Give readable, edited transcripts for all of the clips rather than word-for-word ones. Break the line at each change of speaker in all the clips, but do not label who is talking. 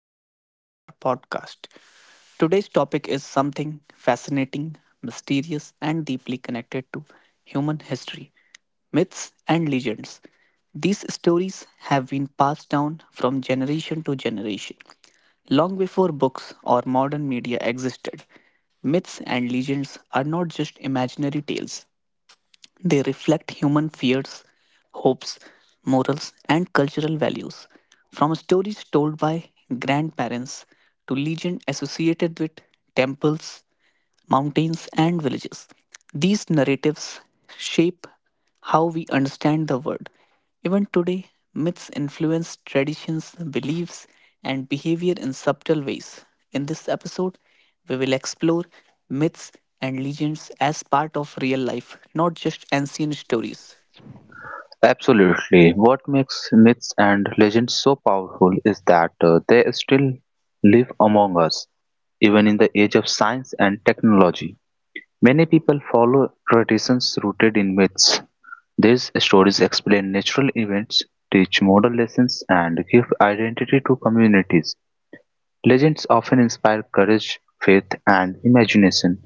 episode of our podcast. Today's topic is something fascinating, mysterious, and deeply connected to human history myths and legends. These stories have been passed down from generation to generation. Long before books or modern media existed, myths and legends are not just imaginary tales, they reflect human fears, hopes, morals, and cultural values. From stories told by grandparents to legends associated with temples, mountains, and villages, these narratives shape how we understand the world even today, myths influence traditions, beliefs, and behavior in subtle ways. In this episode, we will explore myths and legends as part of real life, not just ancient stories.
Absolutely. What makes myths and legends so powerful is that they still live among us, even in the age of science and technology. Many people follow traditions rooted in myths. These stories explain natural events, teach moral lessons, and give identity to communities. Legends often inspire courage, faith, and imagination.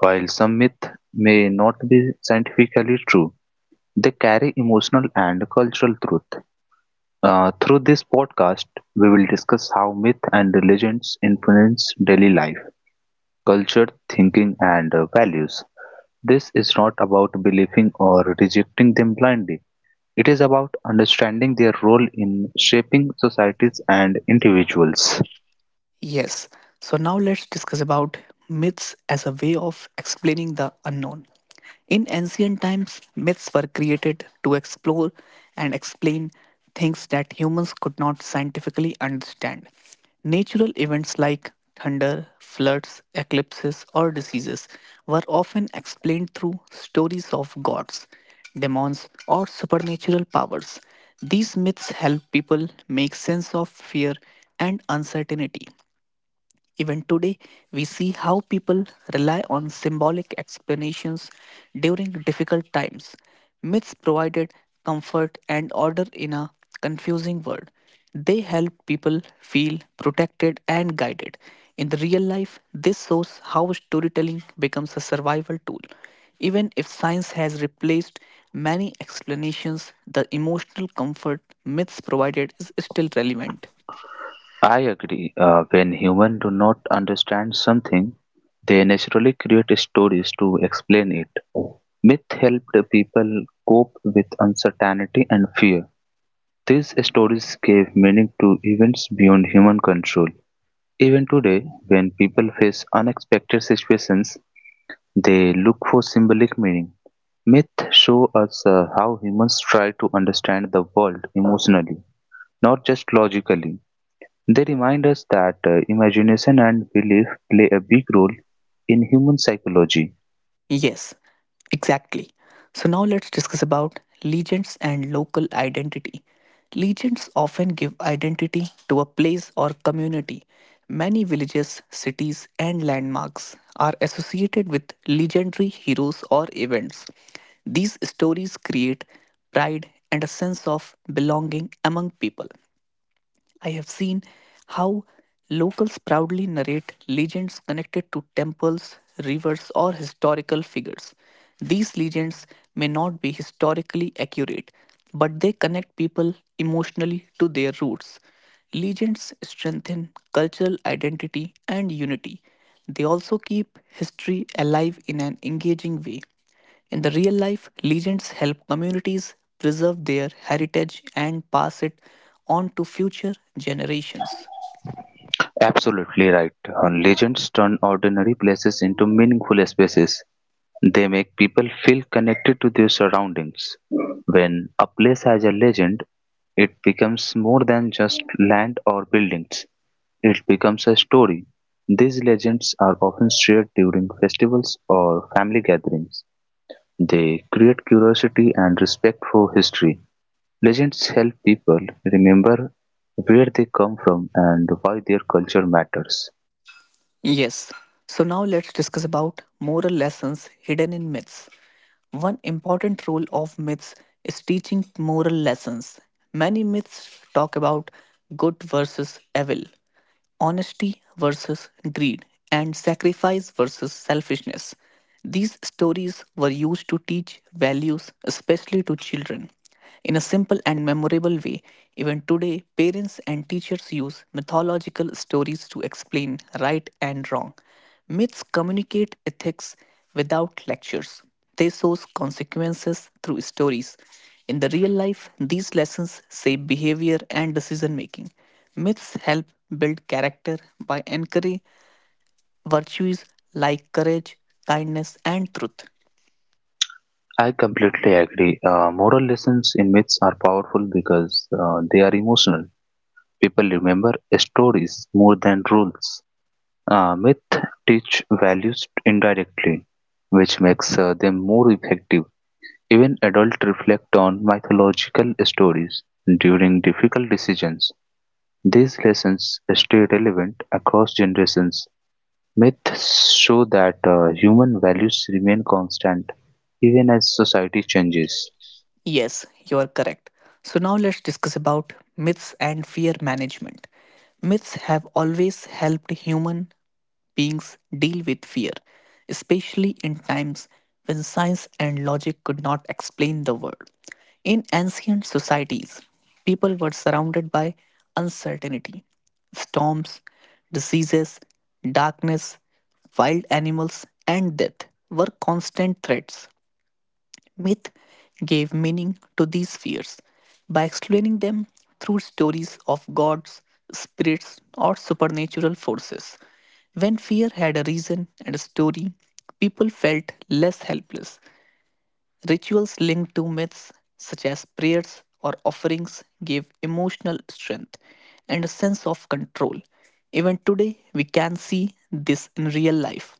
While some myths may not be scientifically true, they carry emotional and cultural truth. Through this podcast, we will discuss how myth and legends influence daily life, culture, thinking, and values. This is not about believing or rejecting them blindly. It is about understanding their role in shaping societies and individuals.
Yes. So now let's discuss about myths as a way of explaining the unknown. In ancient times, myths were created to explore and explain things that humans could not scientifically understand. Natural events like thunder, floods, eclipses, or diseases were often explained through stories of gods, demons, or supernatural powers. These myths help people make sense of fear and uncertainty. Even today, we see how people rely on symbolic explanations during difficult times. Myths provided comfort and order in a confusing world. They help people feel protected and guided. In the real life, this shows how storytelling becomes a survival tool. Even if science has replaced many explanations, the emotional comfort myths provided is still relevant.
I agree. When humans do not understand something, they naturally create stories to explain it. Myth helped people cope with uncertainty and fear. These stories gave meaning to events beyond human control. Even today, when people face unexpected situations, they look for symbolic meaning. Myths show us how humans try to understand the world emotionally, not just logically. They remind us that imagination and belief play a big role in human psychology.
Yes, exactly. So now let's discuss about legends and local identity. Legends often give identity to a place or community. Many villages, cities, and landmarks are associated with legendary heroes or events. These stories create pride and a sense of belonging among people. I have seen how locals proudly narrate legends connected to temples, rivers, or historical figures. These legends may not be historically accurate, but they connect people emotionally to their roots. Legends strengthen cultural identity and unity. They also keep history alive in an engaging way. In the real life, legends help communities preserve their heritage and pass it on to future generations.
Absolutely right. Legends turn ordinary places into meaningful spaces. They make people feel connected to their surroundings. When a place has a legend, it becomes more than just land or buildings, it becomes a story. These legends are often shared during festivals or family gatherings. They create curiosity and respect for history. Legends help people remember where they come from and why their culture matters.
Yes. So now let's discuss about moral lessons hidden in myths. One important role of myths is teaching moral lessons. Many myths talk about good versus evil, honesty versus greed, and sacrifice versus selfishness. These stories were used to teach values, especially to children. In a simple and memorable way, even today, parents and teachers use mythological stories to explain right and wrong. Myths communicate ethics without lectures, they source consequences through stories. In the real life, these lessons shape behavior and decision making. Myths help build character by encouraging virtues like courage, kindness, and truth.
I completely agree. Moral lessons in myths are powerful because they are emotional. People remember stories more than rules. Myth teach values indirectly, which makes them more effective. Even adults reflect on mythological stories during difficult decisions. These lessons stay relevant across generations. Myths show that human values remain constant even as society changes.
Yes, you are correct. So now let's discuss about myths and fear management. Myths have always helped human beings deal with fear, especially in times when science and logic could not explain the world. In ancient societies, people were surrounded by uncertainty, storms, diseases, darkness, wild animals, and death were constant threats. Myth gave meaning to these fears by explaining them through stories of gods, spirits, or supernatural forces. When fear had a reason and a story, people felt less helpless. Rituals linked to myths, such as prayers or offerings, gave emotional strength and a sense of control. Even today, we can see this in real life.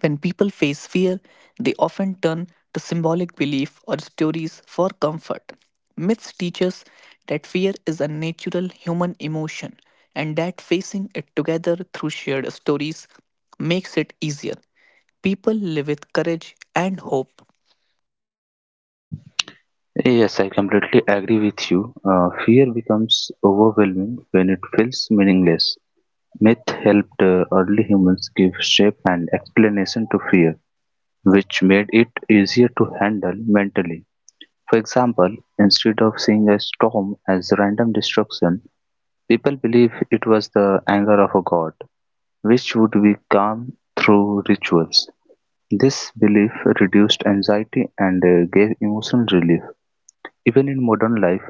When people face fear, they often turn to symbolic belief or stories for comfort. Myths teach us that fear is a natural human emotion and that facing it together through shared stories makes it easier. People live with courage and hope.
Yes, I completely agree with you. Fear becomes overwhelming when it feels meaningless. Myth helped early humans give shape and explanation to fear, which made it easier to handle mentally. For example, instead of seeing a storm as random destruction, people believe it was the anger of a god, which would be calmed through rituals. This belief reduced anxiety and gave emotional relief. Even in modern life,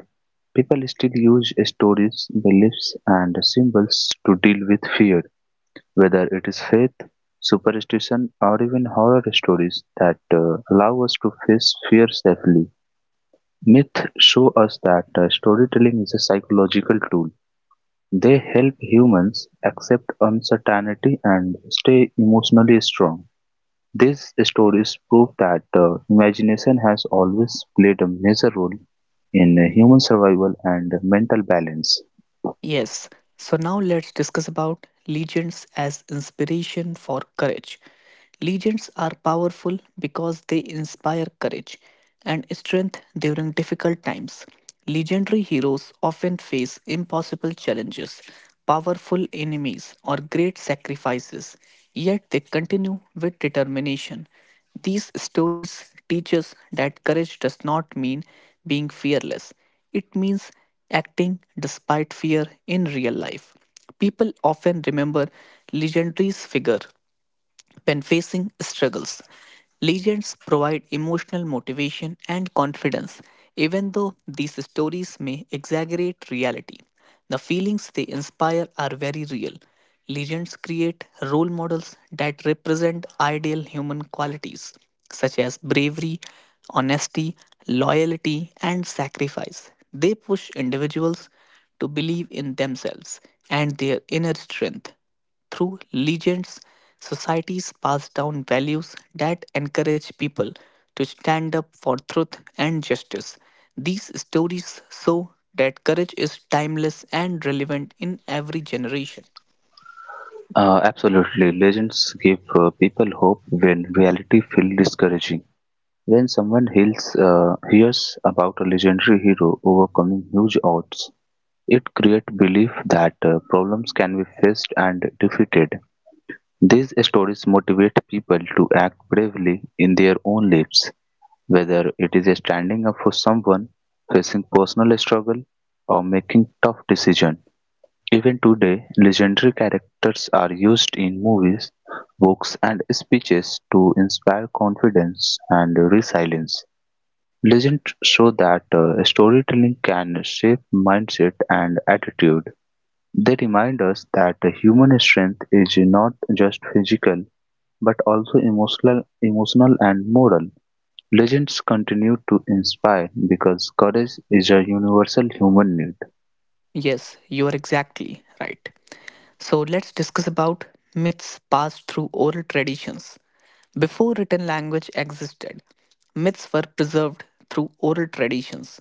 people still use stories, beliefs, and symbols to deal with fear, whether it is faith, superstition, or even horror stories that allow us to face fear safely. Myths show us that storytelling is a psychological tool. They help humans accept uncertainty and stay emotionally strong. These stories prove that the imagination has always played a major role in human survival and mental balance.
Yes, so now let's discuss about legends as inspiration for courage. Legends are powerful because they inspire courage and strength during difficult times. Legendary heroes often face impossible challenges, powerful enemies, or great sacrifices, yet they continue with determination. These stories teach us that courage does not mean being fearless, it means acting despite fear in real life. People often remember legendary's figure when facing struggles, legends provide emotional motivation and confidence. Even though these stories may exaggerate reality, the feelings they inspire are very real. Legends create role models that represent ideal human qualities such as bravery, honesty, loyalty, and sacrifice. They push individuals to believe in themselves and their inner strength. Through legends, societies pass down values that encourage people to stand up for truth and justice. These stories show that courage is timeless and relevant in every generation.
Absolutely. Legends give people hope when reality feels discouraging. When someone hears about a legendary hero overcoming huge odds, it creates belief that problems can be faced and defeated. These stories motivate people to act bravely in their own lives. Whether it is standing up for someone, facing personal struggle, or making tough decisions. Even today, legendary characters are used in movies, books, and speeches to inspire confidence and resilience. Legends show that storytelling can shape mindset and attitude. They remind us that human strength is not just physical but also emotional and moral. Legends continue to inspire because courage is a universal human need.
Yes, you are exactly right. So let's discuss about myths passed through oral traditions. Before written language existed, myths were preserved through oral traditions.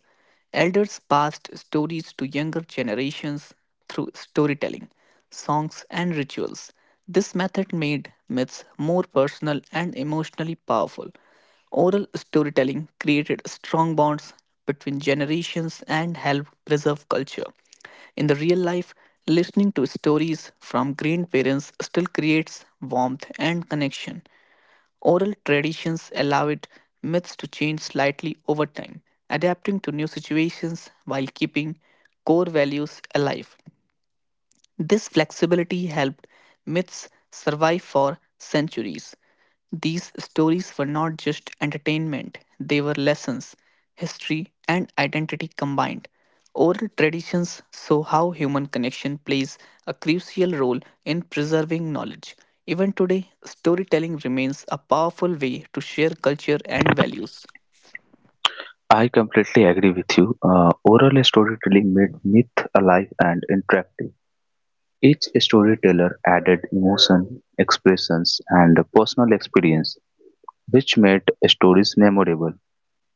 Elders passed stories to younger generations through storytelling, songs, and rituals. This method made myths more personal and emotionally powerful. Oral storytelling created strong bonds between generations and helped preserve culture. In the real life, listening to stories from grandparents still creates warmth and connection. Oral traditions allowed myths to change slightly over time, adapting to new situations while keeping core values alive. This flexibility helped myths survive for centuries. These stories were not just entertainment, they were lessons, history, and identity combined. Oral traditions show how human connection plays a crucial role in preserving knowledge. Even today, storytelling remains a powerful way to share culture and values.
I completely agree with you. Oral storytelling made myth alive and interactive. Each storyteller added emotion, expressions, and personal experience, which made stories memorable.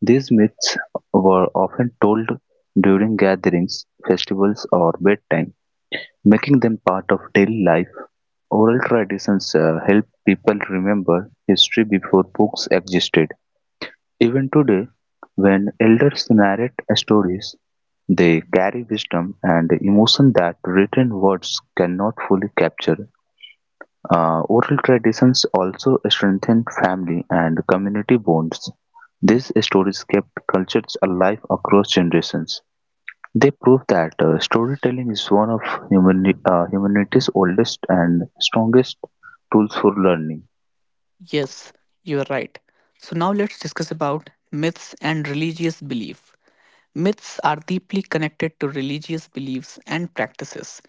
These myths were often told during gatherings, festivals, or bedtime, making them part of daily life. Oral traditions help people remember history before books existed. Even today, when elders narrate stories, they carry wisdom and emotion that written words cannot fully capture. Oral traditions also strengthen family and community bonds. These stories kept cultures alive across generations. They prove that storytelling is one of humanity's oldest and strongest tools for learning.
Yes, you are right. So now let's discuss about myths and religious belief. Myths are deeply connected to religious beliefs and practices.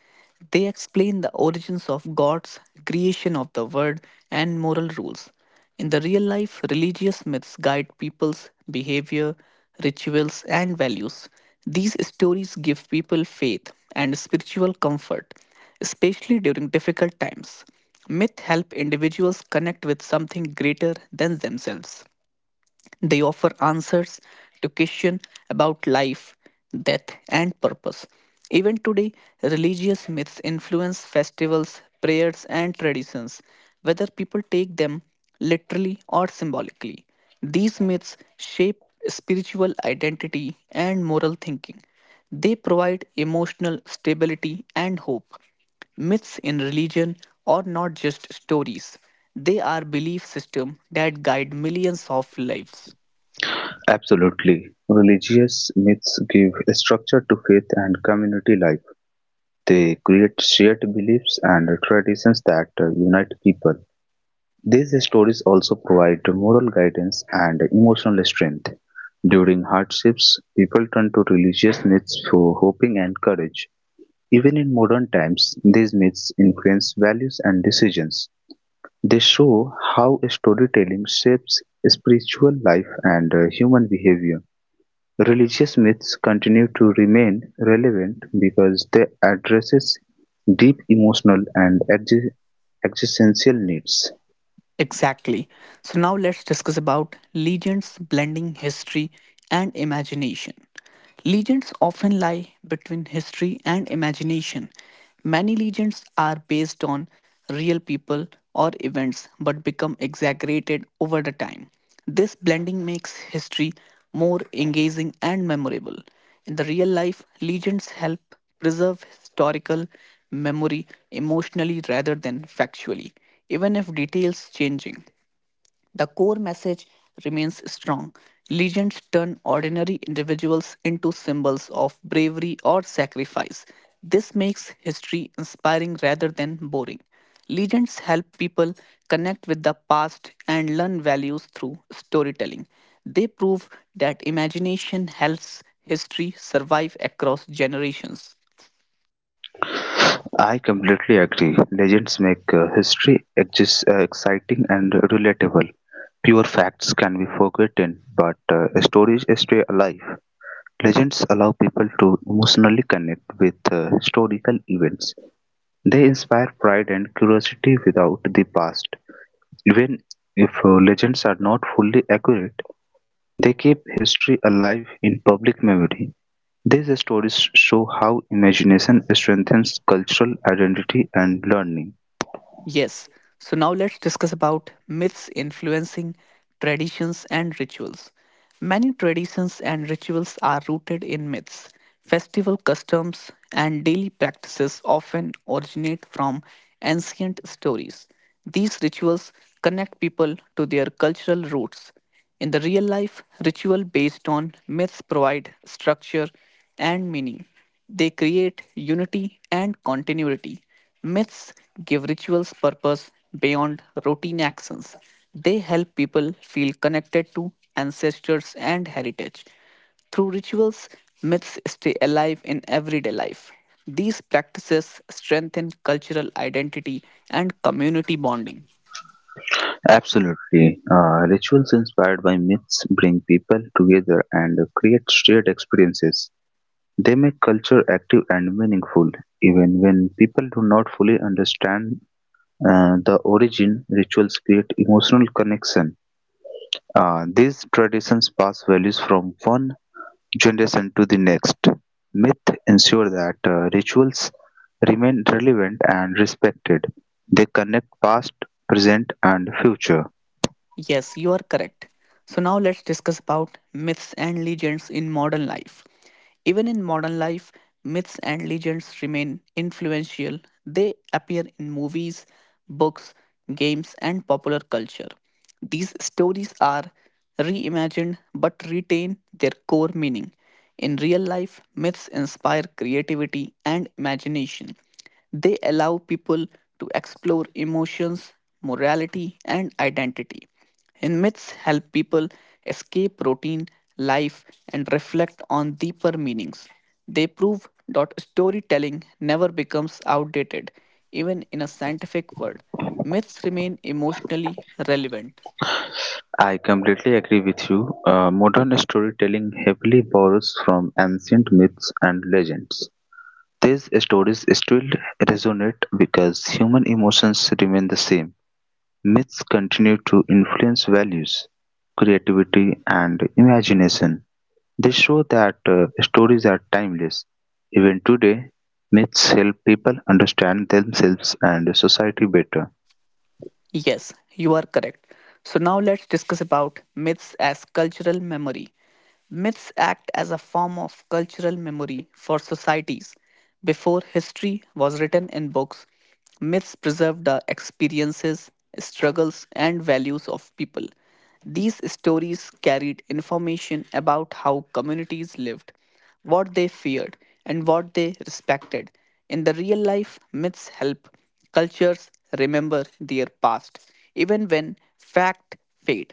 They explain the origins of gods, creation of the world, and moral rules. In the real life, religious myths guide people's behavior, rituals, and values. These stories give people faith and spiritual comfort, especially during difficult times. Myths help individuals connect with something greater than themselves. They offer answers to questions about life, death, and purpose. Even today, religious myths influence festivals, prayers, and traditions, whether people take them literally or symbolically. These myths shape spiritual identity and moral thinking. They provide emotional stability and hope. Myths in religion are not just stories. They are belief systems that guide millions of lives.
Absolutely. Religious myths give structure to faith and community life. They create shared beliefs and traditions that unite people. These stories also provide moral guidance and emotional strength. During hardships, people turn to religious myths for hoping and courage. Even in modern times, these myths influence values and decisions. They show how storytelling shapes spiritual life and human behavior. Religious myths continue to remain relevant because they addresses deep emotional and existential needs.
Exactly. So now let's discuss about legends blending history and imagination. Legends often lie between history and imagination. Many legends are based on real people or events but become exaggerated over the time. This blending makes history more engaging and memorable. In the real life, legends help preserve historical memory emotionally rather than factually, even if details changing. The core message remains strong. Legends turn ordinary individuals into symbols of bravery or sacrifice. This makes history inspiring rather than boring. Legends help people connect with the past and learn values through storytelling. They prove that imagination helps history survive across generations.
I completely agree. Legends make history exciting and relatable. Pure facts can be forgotten, but stories stay alive. Legends allow people to emotionally connect with historical events. They inspire pride and curiosity without the past. Even if legends are not fully accurate, they keep history alive in public memory. These stories show how imagination strengthens cultural identity and learning.
Yes. So now let's discuss about myths influencing traditions and rituals. Many traditions and rituals are rooted in myths. Festival customs and daily practices often originate from ancient stories. These rituals connect people to their cultural roots in the real life, ritual based on myths provide structure and meaning. They create unity and continuity. Myths give rituals purpose beyond routine actions. They help people feel connected to ancestors and heritage. Through rituals, myths stay alive in everyday life. These practices strengthen cultural identity and community bonding.
Absolutely. Rituals inspired by myths bring people together and create shared experiences. They make culture active and meaningful, even when people do not fully understand the origin. Rituals create emotional connection. These traditions pass values from one generation to the next. Myth ensure that rituals remain relevant and respected. They connect past, present, and future.
Yes, you are correct. So now let's discuss about myths and legends in modern life. Even in modern life, myths and legends remain influential. They appear in movies, books, games, and popular culture. These stories are reimagined but retain their core meaning. In real life, myths inspire creativity and imagination. They allow people to explore emotions, morality, and identity. And myths help people escape routine, life, and reflect on deeper meanings. They prove that storytelling never becomes outdated, even in a scientific world. Myths remain emotionally relevant.
I completely agree with you. Modern storytelling heavily borrows from ancient myths and legends. These stories still resonate because human emotions remain the same. Myths continue to influence values, creativity, and imagination. They show that stories are timeless. Even today, myths help people understand themselves and society better.
Yes, you are correct. So now let's discuss about myths as cultural memory. Myths act as a form of cultural memory for societies. Before history was written in books, myths preserved the experiences, struggles, and values of people. These stories carried information about how communities lived what they feared, and what they respected. In the real life, myths help cultures remember their past, even when fact fade.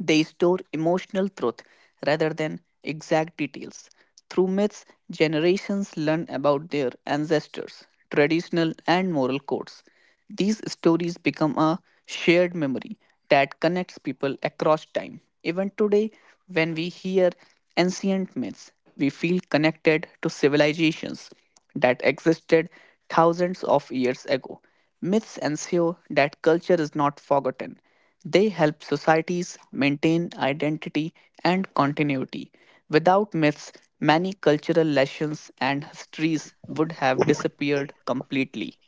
They store emotional truth rather than exact details. Through myths, generations learn about their ancestors, traditional and moral codes. These stories become a shared memory that connects people across time. Even today, when we hear ancient myths, we feel connected to civilizations that existed thousands of years ago. Myths ensure that culture is not forgotten they help societies maintain identity and continuity. Without myths, many cultural lessons and histories would have disappeared completely.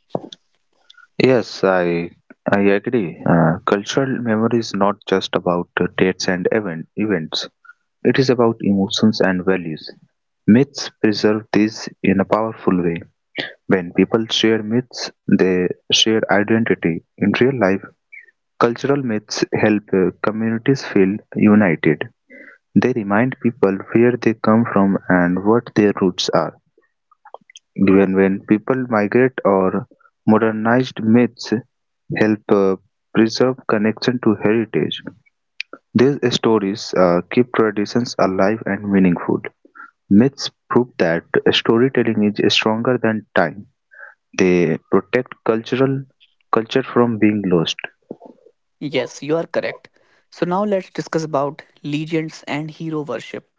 Yes, I agree. Cultural memory is not just about dates and events. It is about emotions and values. Myths preserve these in a powerful way. When people share myths, they share identity. In real life, cultural myths help communities feel united. They remind people where they come from and what their roots are. Even when people migrate or modernized myths help preserve connection to heritage. These stories keep traditions alive and meaningful. Myths prove that storytelling is stronger than time; they protect cultural culture from being lost.
Yes, you are correct. So now let's discuss about legions and hero worship.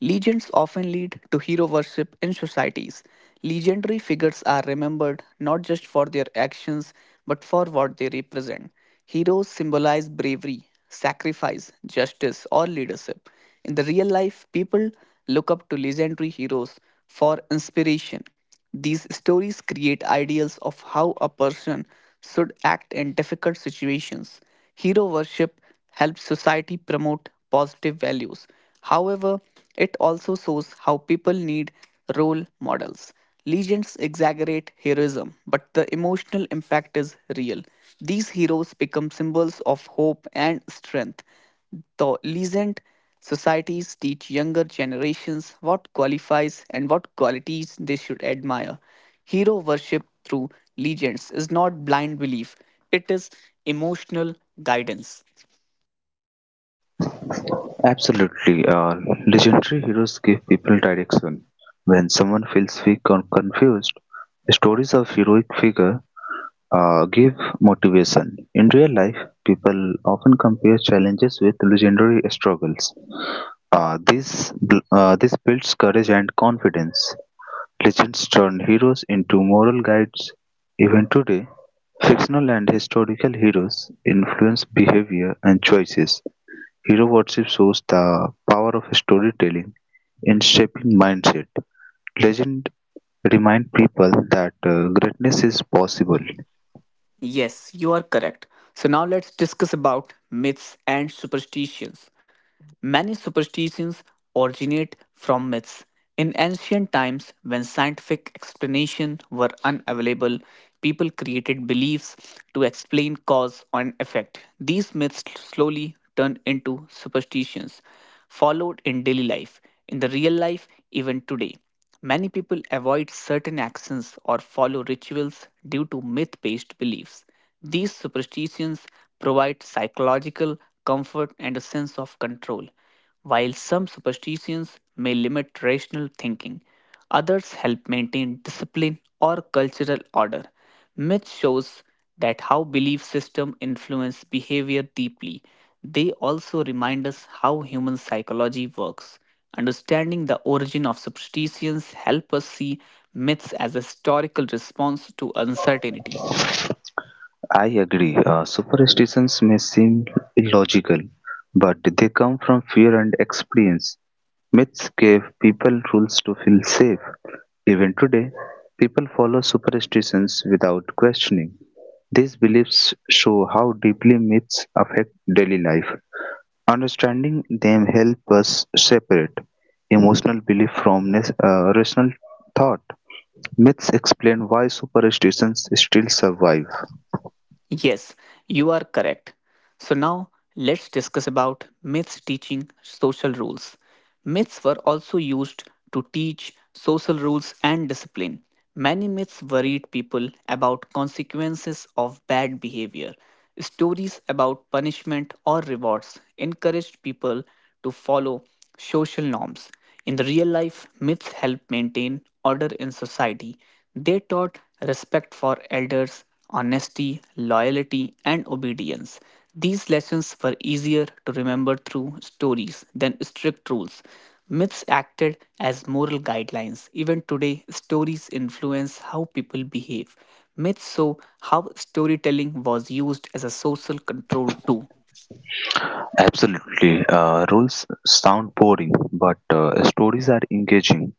Legions often lead to hero worship in societies. Legendary figures are remembered not just for their actions but for what they represent. Heroes symbolize bravery, sacrifice, justice, or leadership. In the real life, people look up to legendary heroes for inspiration. These stories create ideals of how a person should act in difficult situations. Hero worship helps society promote positive values. However, it also shows how people need role models. Legends exaggerate heroism, but the emotional impact is real. These heroes become symbols of hope and strength. The recent societies teach younger generations what qualifies and what qualities they should admire. Hero worship through legends is not blind belief, it is emotional guidance.
Absolutely, legendary heroes give people direction. When someone feels weak or confused, stories of heroic figure give motivation. In real life, people often compare challenges with legendary struggles. This builds courage and confidence. Legends turn heroes into moral guides; even today, fictional and historical heroes influence behavior and choices. Hero worship shows the power of storytelling in shaping mindset. Legend remind people that greatness is possible.
Yes, you are correct. So now let's discuss about myths and superstitions. Many superstitions originate from myths. In ancient times, when scientific explanations were unavailable, people created beliefs to explain cause and effect. These myths slowly turned into superstitions, followed in daily life, in the real life, even today. Many people avoid certain actions or follow rituals due to myth based beliefs. These superstitions provide psychological comfort and a sense of control. While some superstitions may limit rational thinking, others help maintain discipline or cultural order. Myth shows that how belief system influence behavior deeply. They also remind us how human psychology works. Understanding the origin of superstitions help us see myths as a historical response to uncertainty.
I agree. Superstitions may seem illogical, but they come from fear and experience. Myths gave people rules to feel safe. Even today, people follow superstitions without questioning. These beliefs show how deeply myths affect daily life. Understanding them help us separate emotional belief from rational thought. Myths explain why superstitions still survive.
Yes, you are correct. So now let's discuss about myths teaching social rules. Myths were also used to teach social rules and discipline. Many myths worried people about consequences of bad behavior. Stories about punishment or rewards encouraged people to follow social norms. In the real life, myths help maintain order in society. They taught respect for elders, honesty, loyalty, and obedience. These lessons were easier to remember through stories than strict rules. Myths acted as moral guidelines. Even today, stories influence how people behave. Myths show how storytelling was used as a social control too.
Absolutely. Rules sound boring, but stories are engaging.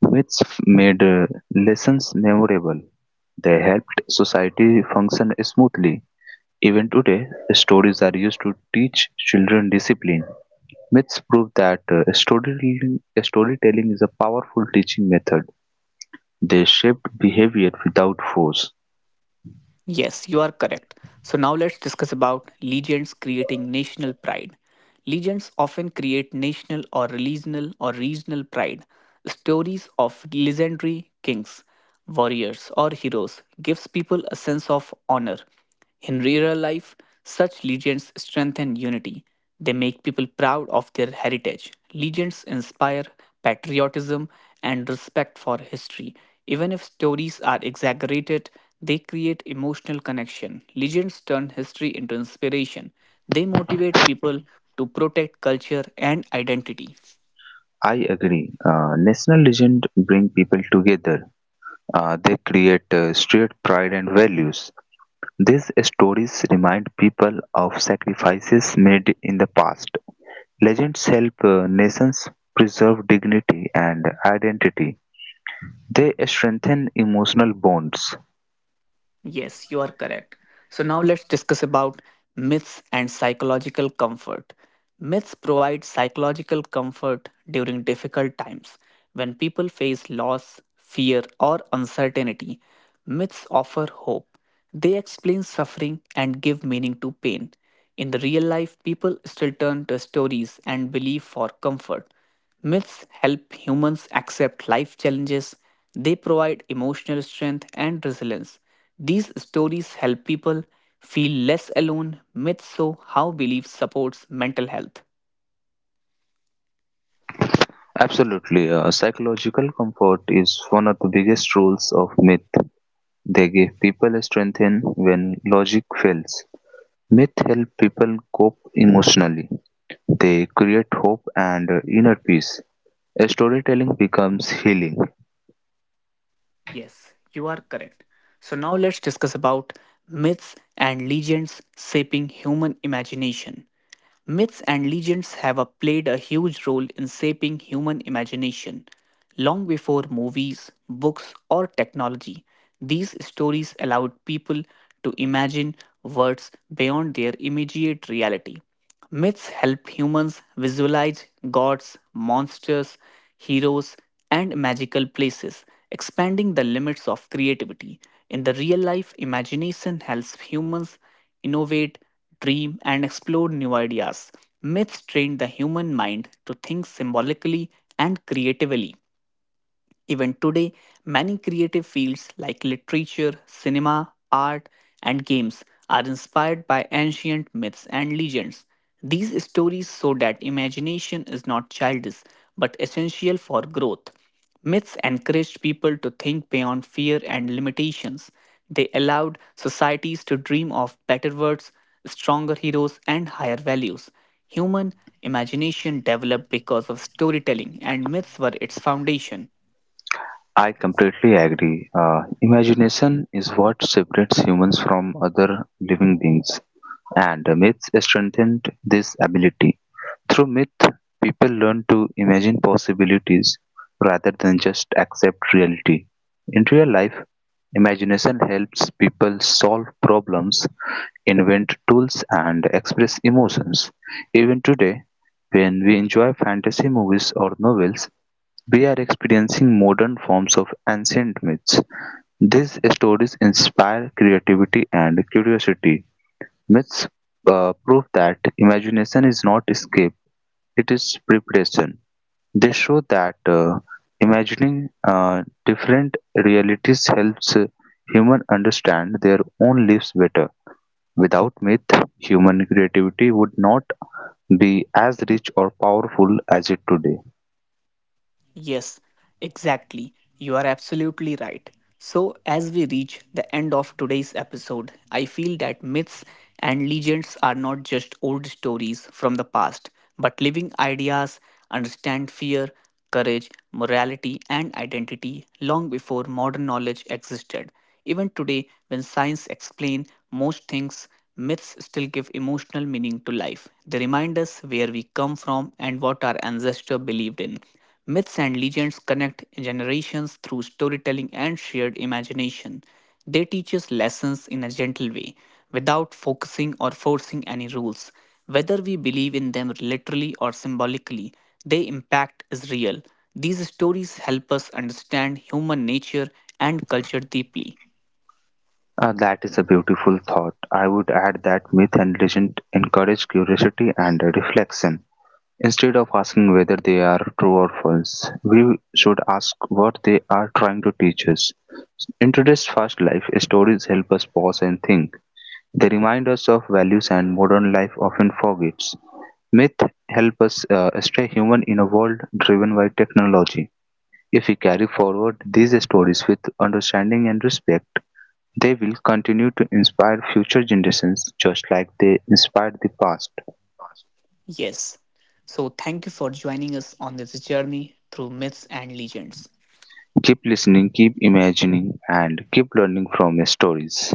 Which made lessons memorable; they helped society function smoothly. Even today, stories are used to teach children discipline. Myths prove that storytelling is a powerful teaching method. They shape behavior without force.
Yes, you are correct. So now let's discuss about legends creating national pride. Legends often create national or regional pride. Stories of legendary kings, warriors or heroes gives people a sense of honor. In rural life, such legends strengthen unity. They make people proud of their heritage. Legends inspire patriotism and respect for history. Even if stories are exaggerated, they create emotional connection. Legends turn history into inspiration. They motivate people to protect culture and identity.
I agree. National legend bring people together. They create shared pride and values. These stories remind people of sacrifices made in the past. Legends help nations preserve dignity and identity. They strengthen emotional bonds.
Yes, you are correct. So now let's discuss about myths and psychological comfort. Myths provide psychological comfort during difficult times. When people face loss, fear, or uncertainty, myths offer hope. They explain suffering and give meaning to pain. In the real life, people still turn to stories and belief for comfort. Myths help humans accept life challenges, they provide emotional strength and resilience. These stories help people feel less alone. Myths show how belief supports mental health.
Absolutely, psychological comfort is one of the biggest roles of myth. They give people strength in when logic fails. Myth help people cope emotionally. They create hope and inner peace. Storytelling becomes healing.
Yes, you are correct. So now let's discuss about myths and legends shaping human imagination. Myths and legends played a huge role in shaping human imagination. Long before movies, books, or technology, these stories allowed people to imagine worlds beyond their immediate reality. Myths help humans visualize gods, monsters, heroes, and magical places, expanding the limits of creativity. In the real life, imagination helps humans innovate dream, and explore new ideas. Myths train the human mind to think symbolically and creatively. Even today, many creative fields like literature, cinema, art, and games are inspired by ancient myths and legends. These stories show that imagination is not childish but essential for growth. Myths encouraged people to think beyond fear and limitations. They allowed societies to dream of better worlds, stronger heroes, and higher values. Human imagination developed because of storytelling, and myths were its foundation.
I completely agree. Imagination is what separates humans from other living beings, and myths strengthen this ability. Through myth, people learn to imagine possibilities rather than just accept reality. In real life, imagination helps people solve problems, invent tools, and express emotions. Even today, when we enjoy fantasy movies or novels, we are experiencing modern forms of ancient myths. These stories inspire creativity and curiosity. Myths prove that imagination is not escape, it is preparation. They show that imagining different realities helps human understand their own lives better. Without myth, human creativity would not be as rich or powerful as it today.
Yes, exactly. You are absolutely right. So, as we reach the end of today's episode, I feel that myths and legends are not just old stories from the past, but living ideas understand fear, courage, morality, and identity long before modern knowledge existed. Even today, when science explains most things, myths still give emotional meaning to life. They remind us where we come from and what our ancestors believed in. Myths and legends connect generations through storytelling and shared imagination. They teach us lessons in a gentle way, without focusing or forcing any rules. Whether we believe in them literally or symbolically, their impact is real. These stories help us understand human nature and culture deeply.
Ah, that is a beautiful thought. I would add that myth and legend encourage curiosity and reflection. Instead of asking whether they are true or false, we should ask what they are trying to teach us. In today's fast life, stories help us pause and think. They remind us of values and modern life often forgets. Myth help us stay human in a world driven by technology. If we carry forward these stories with understanding and respect, they will continue to inspire future generations just like they inspired the past.
Yes. So, thank you for joining us on this journey through myths and legends.
Keep listening, keep imagining, and keep learning from your stories.